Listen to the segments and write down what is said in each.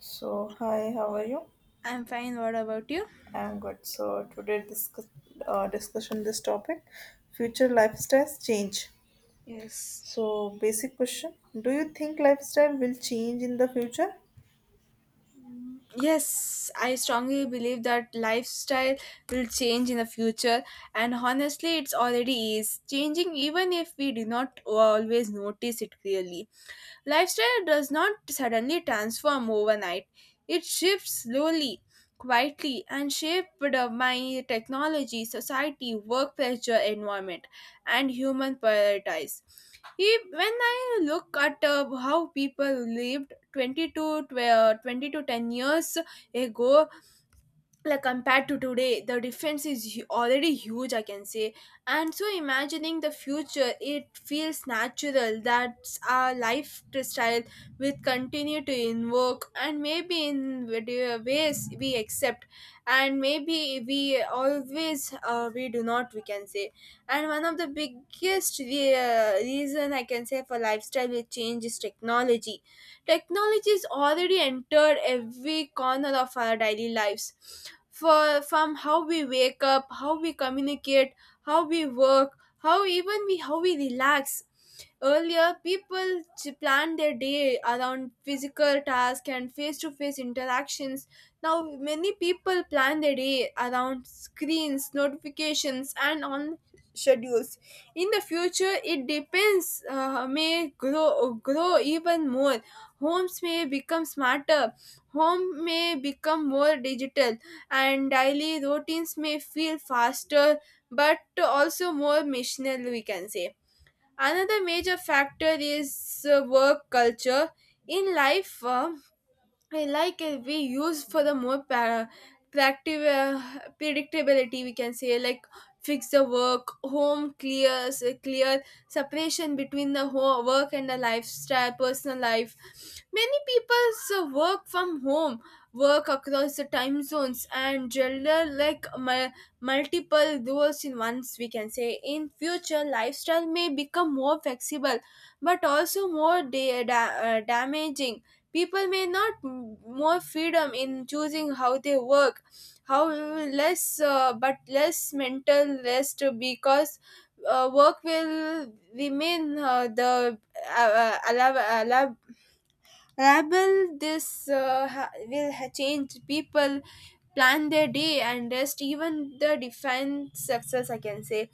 So, hi, how are you? I'm fine. What about you? I'm good. So, today discussion this topic, future lifestyles change. Yes. So, basic question: Do you think lifestyle will change in the future? Yes, I strongly believe that lifestyle will change in the future, and honestly, it's already is changing even if we do not always notice it clearly. Lifestyle does not suddenly transform overnight, it shifts slowly, quietly, and shaped by technology, society, work pressure, environment, and human priorities. When I look at how people live 20 to 20 to 10 years ago, like compared to today, the difference is already huge, I can say. And so imagining the future, it feels natural that our lifestyle will continue to invoke, and maybe in ways we accept, and maybe we always we do not, we can say. And one of the biggest reason I can say for lifestyle will change is technology. Technology is already entered every corner of our daily lives, for from how we wake up, how we communicate, how we work, how even we, how we relax. Earlier people planned their day around physical tasks and face-to-face interactions. Now many people plan their day around screens, notifications, and on schedules. In the future it depends, may grow even more. Homes may become smarter, home may become more digital, and daily routines may feel faster, but also more missional, we can say. Another major factor is work culture. In life, I like it. We use for the more para- practive predictability, we can say, like fix the work, home clear separation between the ho work and the lifestyle, personal life. Many people's work from home, work across the time zones, and gender like multiple roles in once, we can say. In future lifestyle may become more flexible, but also more damaging. People may not more freedom in choosing how they work, how less, but less mental rest, because work will remain uh, allow, allowable. Rabble this change people plan their day and rest, even the define success, I can say.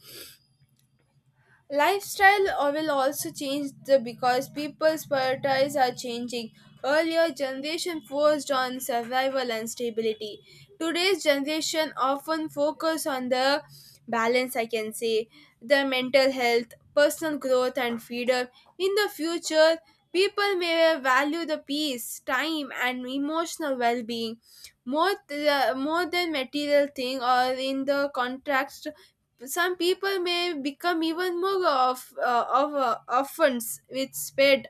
Lifestyle will also change the, because people's priorities are changing. Earlier generation focused on survival and stability. Today's generation often focus on the balance, I can say, the mental health, personal growth, and freedom. In the future, people may value the peace, time, and emotional well-being more more than material thing, or in the contrast some people may become even more of, orphans with sped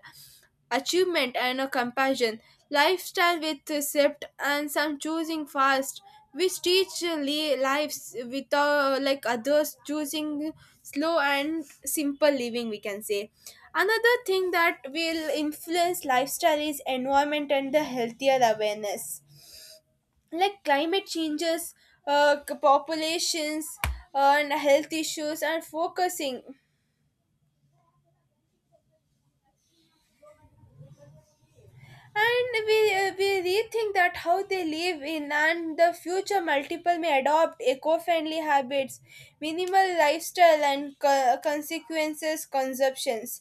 achievement and a compassion lifestyle with recept, and some choosing fast lives, without like others choosing slow and simple living, we can say. Another thing that will influence lifestyle is environment and the healthier awareness, like climate changes, populations, and health issues, and focusing. And we rethink that how they live in, and the future multiple may adopt eco-friendly habits, minimal lifestyle, and consequences consumptions.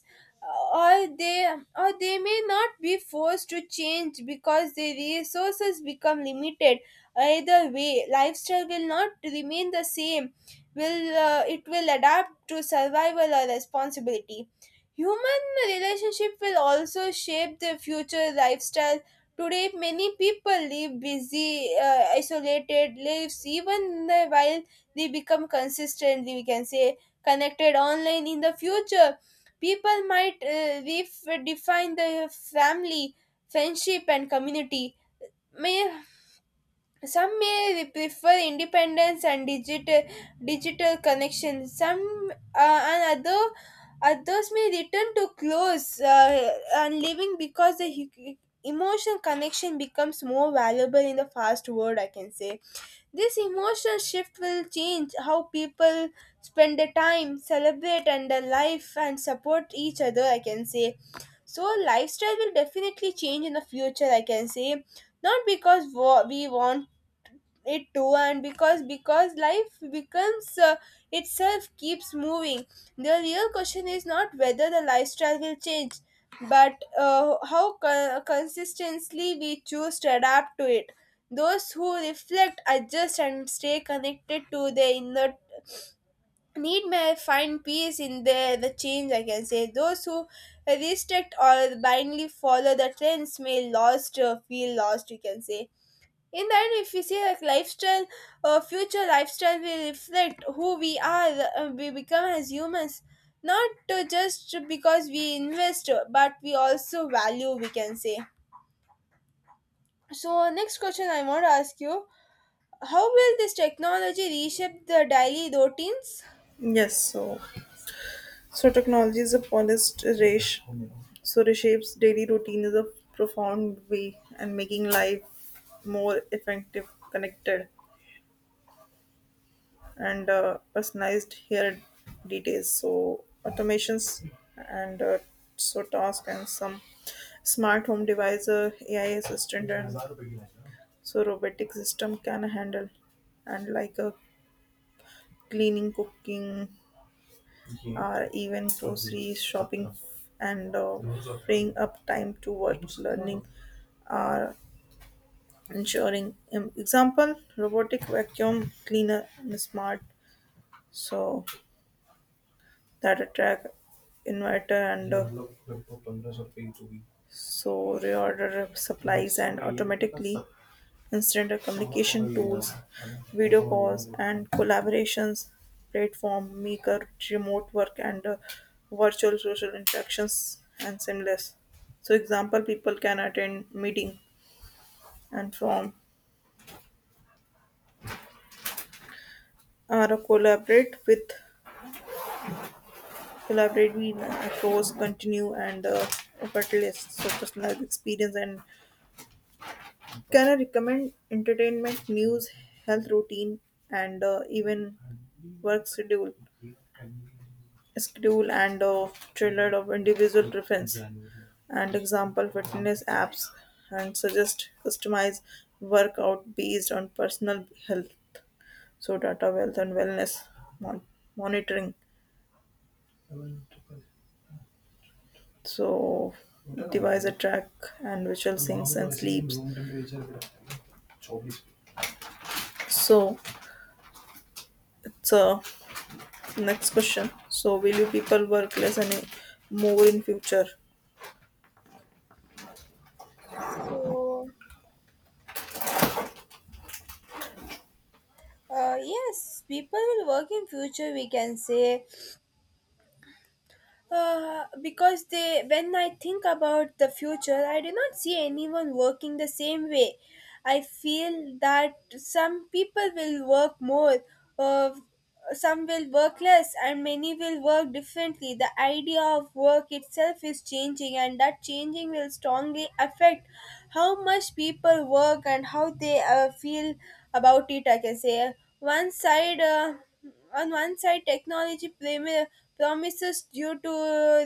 Or they, or they may not be forced to change because their resources become limited. Either way lifestyle will not remain the same, will it will adapt to survival or responsibility. Human relationship will also shape the future lifestyle. Today, many people live busy, isolated lives, even while they become consistently, we can say, connected online. In the future, people might redefine the family, friendship, and community. May some may prefer independence and digital connections. Some, and other others may return to close and living, because the emotional connection becomes more valuable in the fast world, I can say. This emotional shift will change how people spend their time, celebrate, and their life, and support each other, I can say. So lifestyle will definitely change in the future, I can say, not because we want it too, and because life becomes, itself keeps moving. The real question is not whether the lifestyle will change, but consistently we choose to adapt to it. Those who reflect, adjust, and stay connected to their inner need may find peace in the change, I can say. Those who restrict or blindly follow the trends may lost feel lost, you can say. In the end, if we see, like lifestyle, future lifestyle will reflect who we are, we become as humans, not just because we invest, but we also value, we can say. So next question I want to ask you: how will this technology reshape the daily routines? Yes. So, technology is a polished race. So, reshapes daily routine is a profound way and making life more effective, connected, and personalized here details so automations and so task and some smart home device AI assistant and so robotic system can handle and like a cleaning cooking or even grocery shopping and freeing up time to work learning or ensuring example robotic vacuum cleaner and smart so that attract inventor and so reorder supplies and automatically instant communication tools, video calls and collaborations platform make a remote work and virtual social interactions and seamless. So example people can attend meeting and from or collaborate with across continue and bucket list so personalized experience and can I recommend entertainment, news, health routine, and even work schedule, schedule and tailored of individual preference, and example fitness apps, and suggest customized workout based on personal health, so data wealth and wellness mon- monitoring, so device a track and visual syncs and sleeps. So it's a next question. So, will you people work less and more in future? So, yes, people will work in future, we can say. Because they, when I think about the future, I do not see anyone working the same way. I feel that some people will work more, uh, some will work less, and many will work differently. The idea of work itself is changing, and that changing will strongly affect how much people work and how they feel about it, I can say. One side, on one side, technology promises due to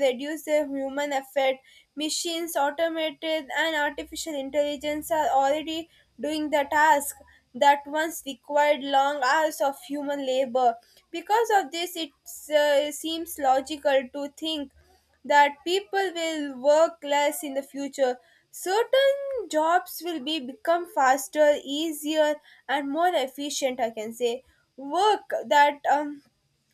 reduce the human effort. Machines automated and artificial intelligence are already doing the task that once required long hours of human labor. Because of this it seems logical to think that people will work less in the future. Certain jobs will be become faster, easier, and more efficient, I can say. Work that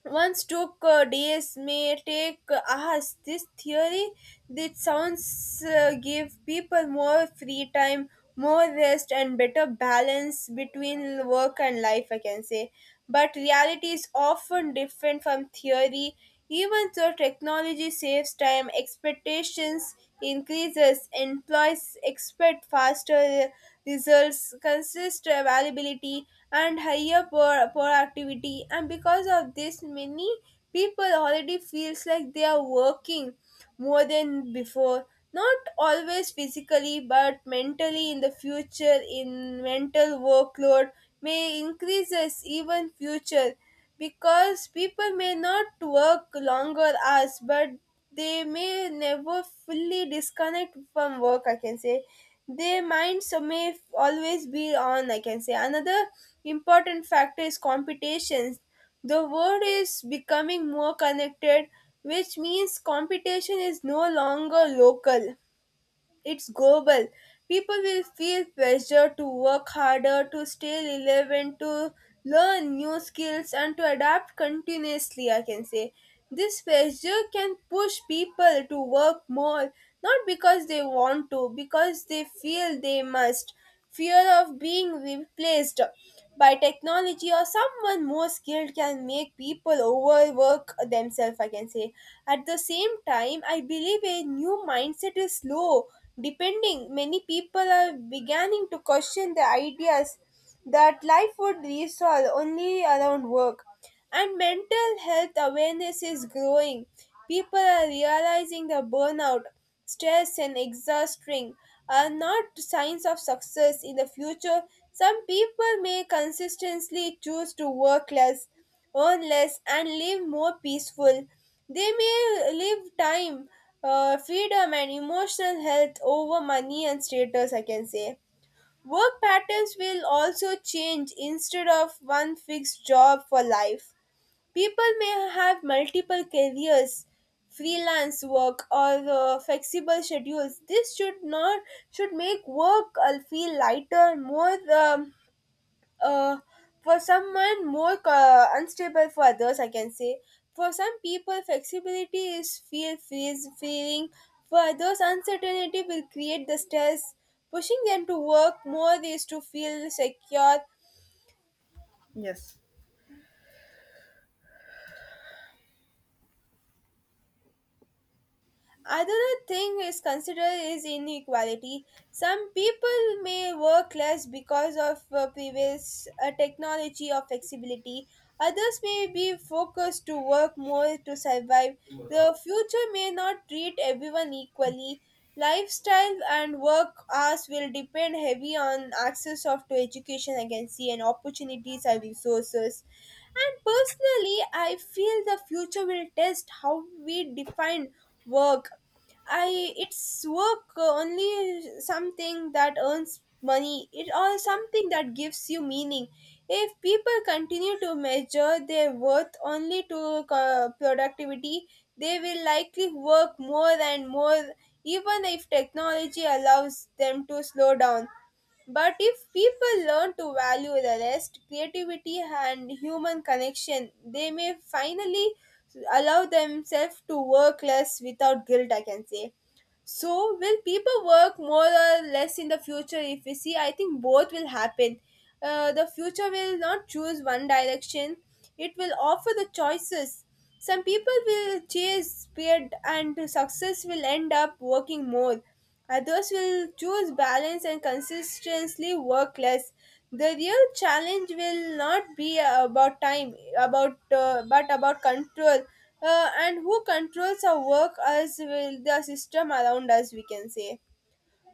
once took days may take hours. This theory, this sounds give people more free time, more rest, and better balance between work and life, I can say. But reality is often different from theory. Even though technology saves time, expectations increases. Employees expect faster results, consistent availability, and higher productivity. And because of this, many people already feels like they are working more than before. Not always physically, but mentally. In the future, in mental workload may increases even future, because people may not work longer hours, but they may never fully disconnect from work, I can say. Their minds may always be on, I can say. Another important factor is competitions. The world is becoming more connected, which means competition is no longer local, it's global. People will feel pressure to work harder, to stay relevant, to learn new skills, and to adapt continuously, I can say. This pressure can push people to work more, not because they want to, because they feel they must. Fear of being replaced by technology or someone more skilled can make people overwork themselves, I can say. At the same time, I believe a new mindset is slow, depending. Many people are beginning to question the ideas that life would resolve only around work. And mental health awareness is growing. People are realizing that burnout, stress, and exhausting are not signs of success in the future. Some people may consistently choose to work less, earn less, and live more peaceful. They may live time, freedom, and emotional health over money and status, I can say. Work patterns will also change instead of one fixed job for life. People may have multiple careers, freelance work, or flexible schedules. This should not should make work feel lighter, more uh, for someone, more unstable for others, I can say. For some people, flexibility is fear frees feeling. For others, uncertainty will create the stress, pushing them to work more is to feel secure. Yes. Another thing is considered is inequality. Some people may work less because of previous technology or flexibility. Others may be focused to work more to survive. The future may not treat everyone equally. Lifestyle and work hours will depend heavy on access of to education, agency, and opportunities and resources. And personally, I feel the future will test how we define work. I it's work only something that earns money. It or something that gives you meaning. If people continue to measure their worth only to productivity, they will likely work more and more, even if technology allows them to slow down. But if people learn to value the rest, creativity, and human connection, they may finally allow themselves to work less without guilt, I can say. So, will people work more or less in the future? If we see, I think both will happen. The future will not choose one direction, it will offer the choices. Some people will chase speed and success will end up working more. Others will choose balance and consistently work less. The real challenge will not be about time, about but about control, and who controls our work as will the system around us, we can say.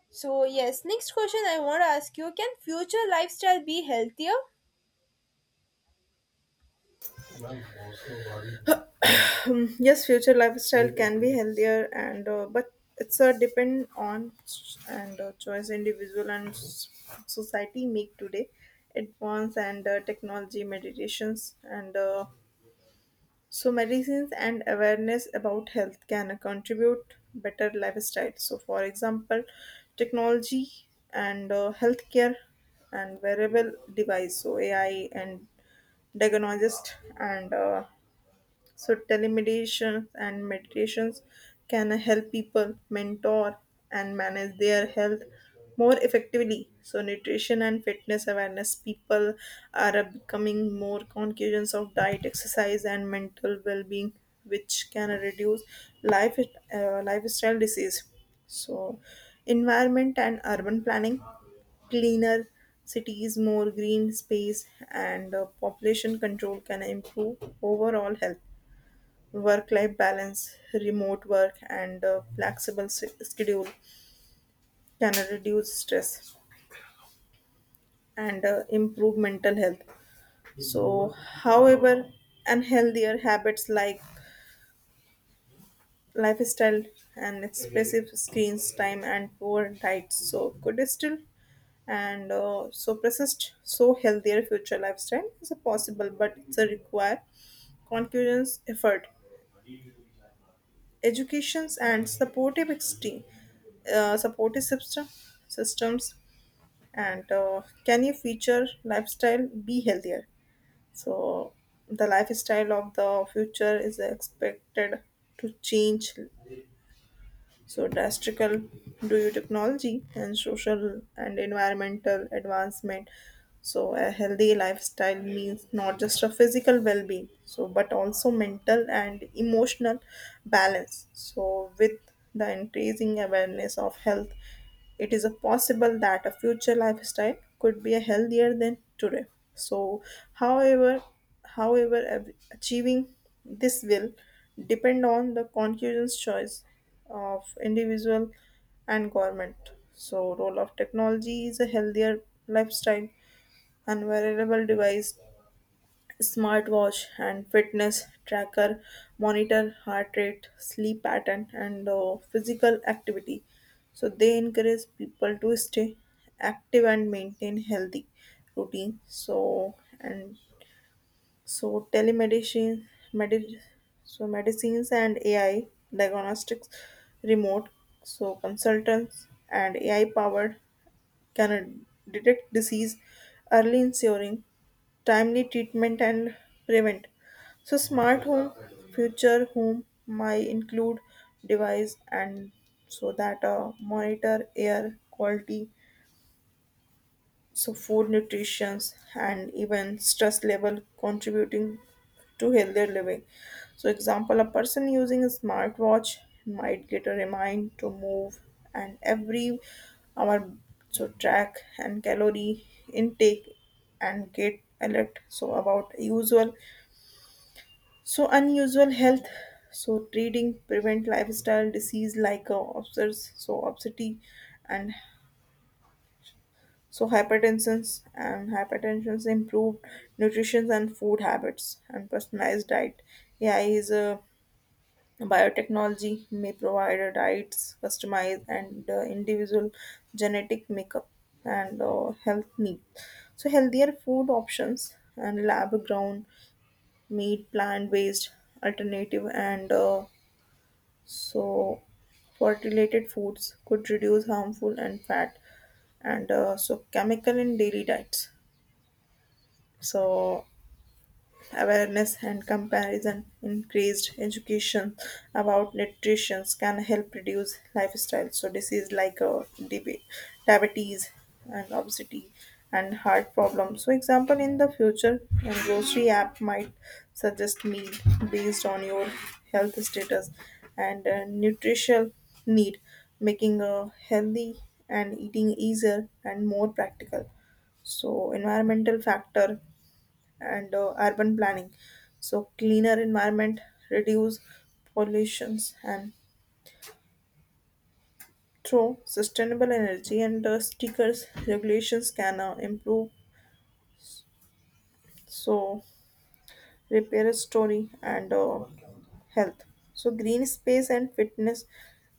So yes, next question I want to ask you: can future lifestyle be healthier? Yes, future lifestyle can be healthier, and but it's a depend on s- and choice individual and society make today. Advance and technology meditations and so medicines and awareness about health can contribute better lifestyle. So for example, technology and healthcare and wearable device, so AI and diagnosist and so telemedicine and meditations can help people mentor and manage their health more effectively. So nutrition and fitness awareness people are becoming more conscious of diet, exercise, and mental well-being, which can reduce life lifestyle disease. So environment and urban planning cleaner cities, more green space, and population control can improve overall health. Work life balance, remote work, and a flexible schedule can reduce stress and improve mental health. So, however, unhealthier habits like lifestyle and excessive screens time and poor diet so could still and so persist so healthier future lifestyle is a possible but it's a require conscious effort educations and supportive systems and can your future lifestyle be healthier so the lifestyle of the future is expected to change so, drastic due to technology and social and environmental advancement. So, a healthy lifestyle means not just a physical well being, so but also mental and emotional balance. So, with the increasing awareness of health, it is a possible that a future lifestyle could be a healthier than today. So, however, however, achieving this will depend on the conscious choice of individual and government. So role of technology is a healthier lifestyle and wearable device, smartwatch and fitness tracker monitor heart rate, sleep pattern and physical activity. So they encourage people to stay active and maintain healthy routine. So and so telemedicine, medi- so medicines and AI, diagnostics, remote, so consultants and AI powered can detect disease early, ensuring timely treatment and prevent. So smart home, future home might include device and so that monitor air quality, so food nutrition and even stress level contributing to healthier living so example a person using a smartwatch might get a remind to move and every hour so track and calorie intake and get alert so about usual so unusual health so treating prevent lifestyle disease like obsess so obesity and so hypertensions and hypertensions improved nutrition and food habits and personalized diet. AI is a biotechnology may provide a diets customized and individual genetic makeup and health needs. So healthier food options and lab grown meat, plant based alternative and so fertilated foods could reduce harmful and fat and so chemical in daily diets. So awareness and comparison, increased education about nutrition can help reduce lifestyle. So disease like diabetes and obesity and heart problems. So example in the future, a grocery app might suggest meal based on your health status and nutritional need, making a healthy and eating easier and more practical so environmental factor and urban planning. So, cleaner environment, reduce pollutions, and through sustainable energy and stickers, regulations can improve. So, repair story and health. So, green space and fitness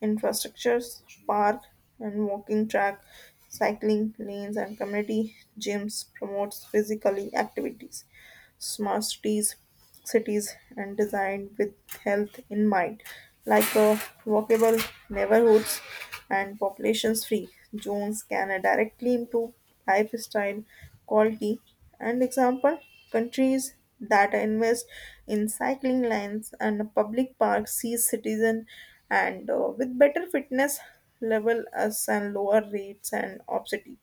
infrastructures, park and walking track, cycling lanes, and community gyms promotes physically activities. Smart cities, and designed with health in mind, like walkable neighborhoods and populations-free zones can directly improve lifestyle quality. And example, countries that invest in cycling lanes and public parks see citizen and with better fitness level as and lower rates and obesity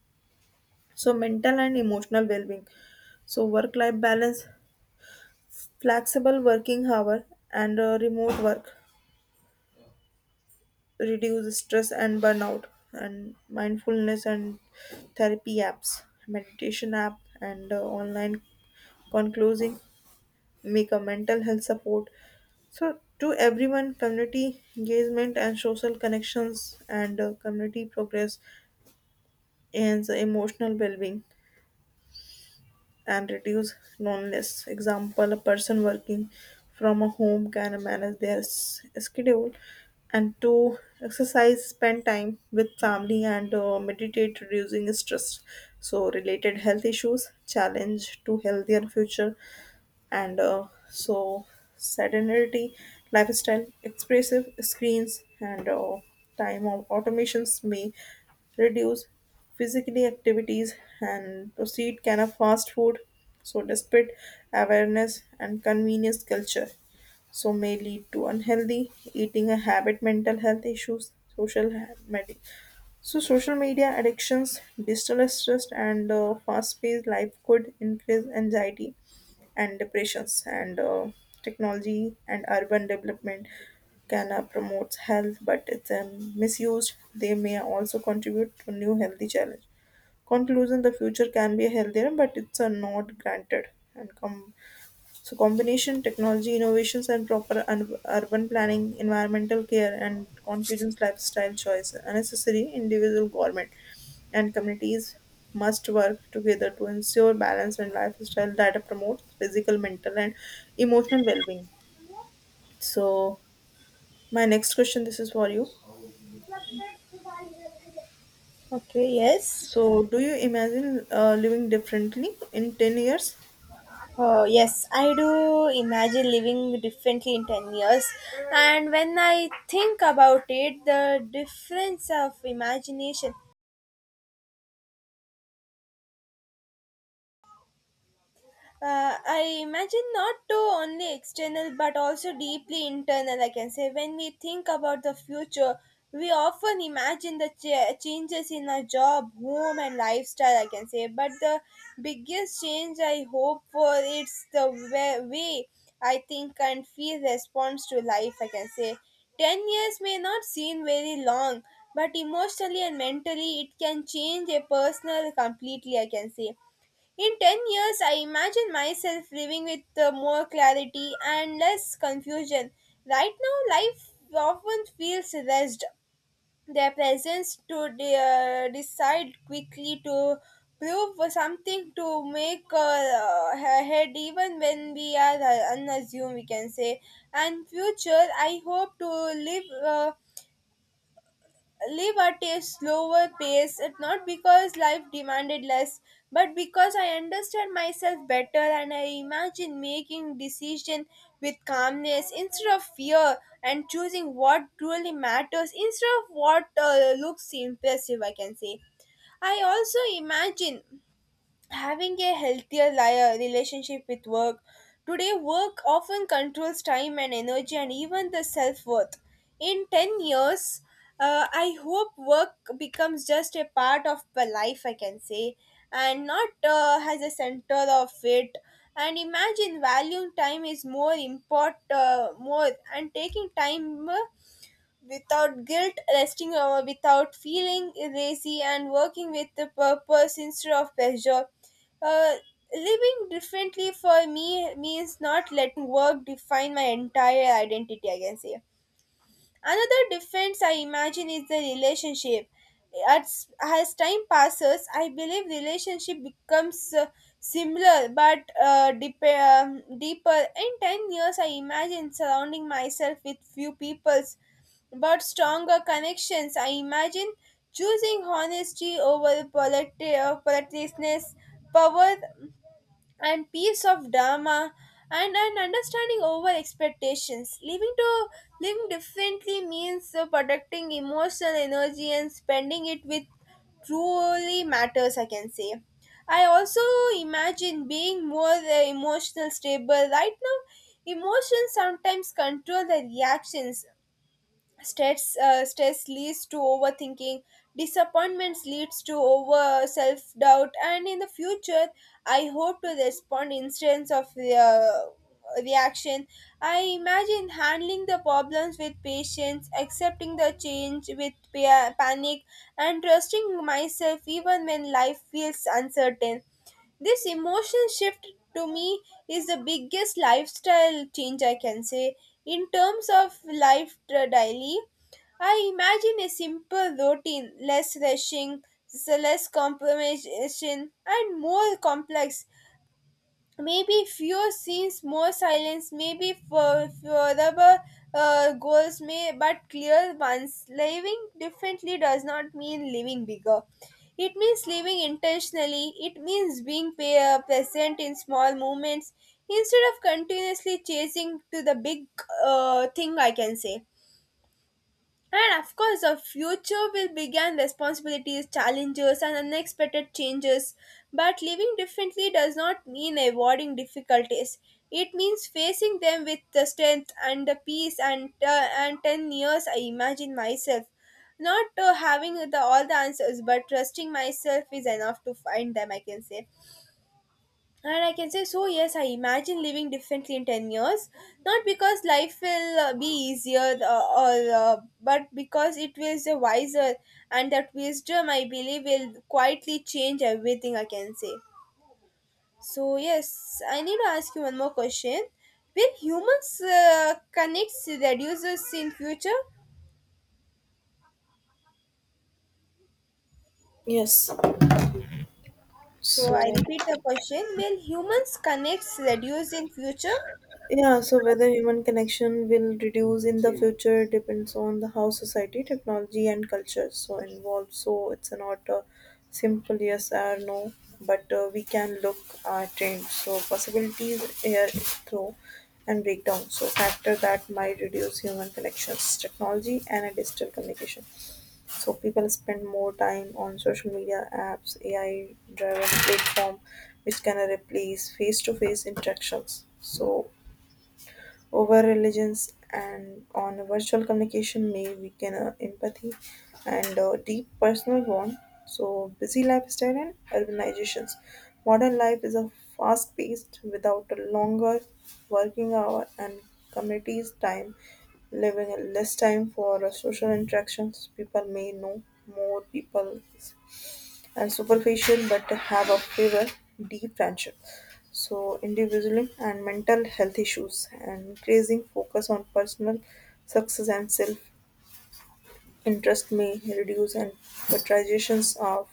so mental and emotional well-being so work life balance flexible working hour and remote work reduce stress and burnout and mindfulness and therapy apps, meditation app and online conclosing make a mental health support. So to everyone, community engagement and social connections and community progress and the emotional well-being, and reduce loneliness. Example, a person working from a home can manage their schedule and to exercise, spend time with family and meditate, reducing stress. So related health issues, challenge to healthier future and so sedentary lifestyle, expressive screens, and time of automations may reduce physically activities and proceed can of fast food. So despite awareness and convenience culture, so may lead to unhealthy eating a habit, mental health issues, so social media addictions, digital stress, and fast-paced life could increase anxiety and depressions and technology and urban development can promote health but it's misused they may also contribute to new healthy challenge conclusion the future can be healthier but it's not granted and come so combination technology innovations and proper urban planning, environmental care, and conscious lifestyle choice are necessary. Individual government and communities must work together to ensure balance and lifestyle that promotes physical, mental, and emotional well-being. So my next question, this is for you. Okay, yes. So do you imagine living differently in 10 years? Oh, yes, I do imagine living differently in 10 years. And when I think about it, the difference of imagination, I imagine not to only external but also deeply internal. I can say when we think about the future, we often imagine the changes in our job, home, and lifestyle. I can say, but the biggest change I hope for it's the way I think and feel response to life. I can say. 10 years may not seem very long, but emotionally and mentally it can change a personal completely, I can say. In 10 years, I imagine myself living with more clarity and less confusion. Right now, life often feels rushed. Their presence to decide quickly to prove something to make ahead, even when we are unassuming, we can say. And future, I hope to live. Uh, live at a slower pace, it not because life demanded less, but because I understand myself better and I imagine making decision with calmness instead of fear and choosing what truly matters instead of what looks impressive, I can say. I also imagine having a healthier relationship with work. Today, work often controls time and energy and even the self worth. In 10 years, I hope work becomes just a part of my life, I can say, and not as a center of it. And imagine valuing time is more important, more, and taking time without guilt, resting without feeling lazy, and working with the purpose instead of pleasure. Uh, Living differently for me means not letting work define my entire identity, I can say. Another difference I imagine is the relationship. As time passes, I believe relationship becomes similar but deep, deeper. In 10 years, I imagine surrounding myself with few peoples but stronger connections. I imagine choosing honesty over politeness, power and peace of dharma and an understanding over expectations. Living differently means protecting emotional energy and spending it with truly matters. I can say. I also imagine being more emotional stable. Right now, emotions sometimes control the reactions stress stress leads to overthinking disappointments leads to over self doubt, and in the future I hope to respond instance of reaction. I imagine handling the problems with patience, accepting the change with panic and trusting myself even when life feels uncertain. This emotional shift to me is the biggest lifestyle change, I can say. In terms of life daily, I imagine a simple routine, less rushing, less compromisation, and more complex, maybe fewer scenes, more silence, maybe for further goals, may but clear ones. Living differently does not mean living bigger, it means living intentionally. It means being present in small moments instead of continuously chasing to the big thing, I can say. And of course, the future will begin responsibilities, challenges, and unexpected changes. But living differently does not mean avoiding difficulties. It means facing them with the strength and the peace. And 10 years, I imagine myself not having all the answers, but trusting myself is enough to find them. I can say. And I can say, so yes, I imagine living differently in 10 years. Not because life will be easier, or but because it will be wiser, and that wisdom, I believe, will quietly change everything, I can say. So, yes, I need to ask you one more question. Will humans connects reduces in future? Yes. So, I So repeat the question. Will humans connects reduce in future? yeah, so whether human connection will reduce in the future depends on the how society, technology, and culture so involved. So it's not a simple yes or no, but we can look at trends. So possibilities here is through and breakdown. So factor that might reduce human connections, technology, and a digital communication. So people spend more time on social media apps, AI-driven platform, which can replace face-to-face interactions. So over religions and on virtual communication may weaken empathy and deep personal bond so busy lifestyle and urbanizations modern life is a fast paced without a longer working hour and communities time leaving less time for social interactions people may know more people and superficial but have a fever, deep friendship. So individualism and mental health issues and increasing focus on personal success and self-interest may reduce and patronizations of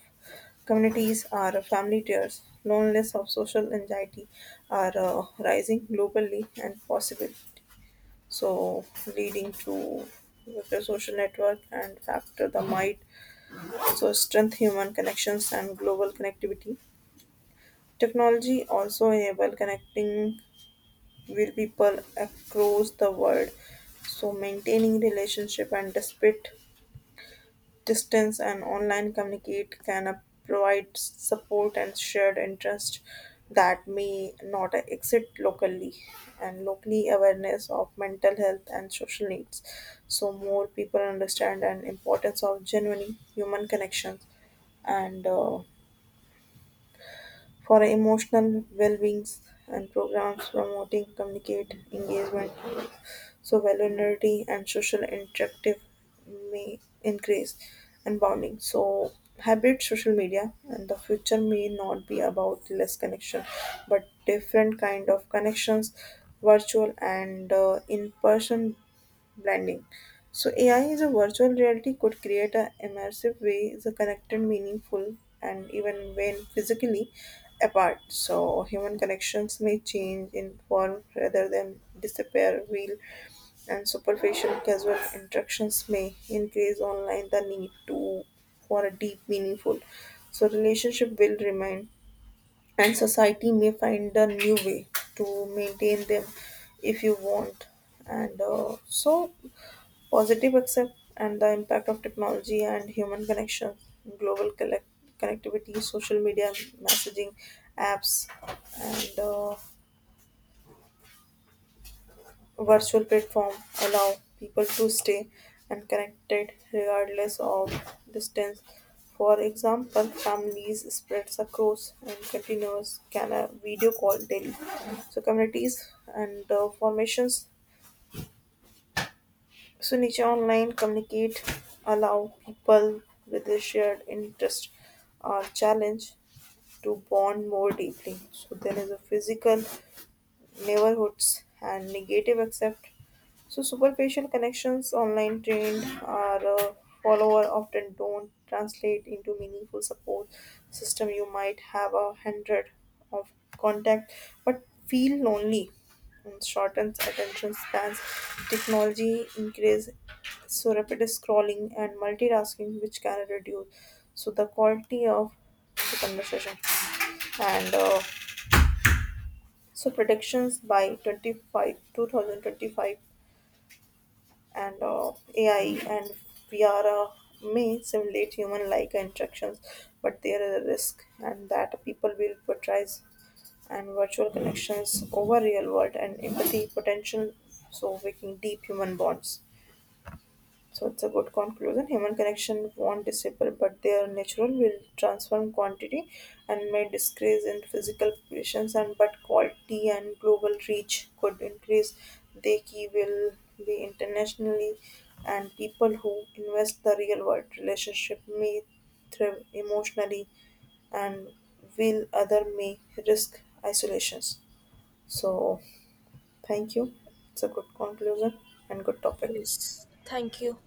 communities are family tears, loneliness of social anxiety are rising globally and possible. So leading to the social network and factor the might. So strength human connections and global connectivity technology also enable connecting with people across the world. So maintaining relationship and despite distance and online communicate can provide support and shared interest that may not exist locally and locally awareness of mental health and social needs so more people understand and importance of genuine human connections and for emotional well being and programs promoting communicate engagement so vulnerability and social interactive may increase and bonding so hybrid social media and the future may not be about less connection but different kind of connections virtual and in person blending. So AI is a virtual reality could create a immersive way the connected, meaningful, and even when physically apart. So human connections may change in form rather than disappear. Real and superficial casual interactions may increase online the need to for a deep, meaningful. So relationship will remain, and society may find a new way to maintain them if you want and so positive accept and the impact of technology and human connection, global connectivity, social media, messaging apps, and virtual platform allow people to stay and connected regardless of distance. For example, families spreads across and continuous can a video call daily. So communities and formations so niche online communicate allow people with a shared interest or challenge to bond more deeply. So there is a physical neighborhoods and negative accept so superficial connections online trained are follower often don't translate into meaningful support system. You might have a hundred of contact but feel lonely and shortens attention spans. Technology increase so rapid scrolling and multitasking which can reduce so the quality of the conversation and so predictions by 25 2025 and AI and VR may simulate human-like interactions, but there is a risk, and that people will portrays and virtual connections over real world and empathy potential, so making deep human bonds. So it's a good conclusion. Human connection won't disappear, but their natural will transform quantity and may decrease in physical presence and but quality and global reach could increase. They key will be internationally and people who invest the real world relationship may thrive emotionally and will other may risk isolations. So thank you. It's a good conclusion and good topic. Yes, thank you.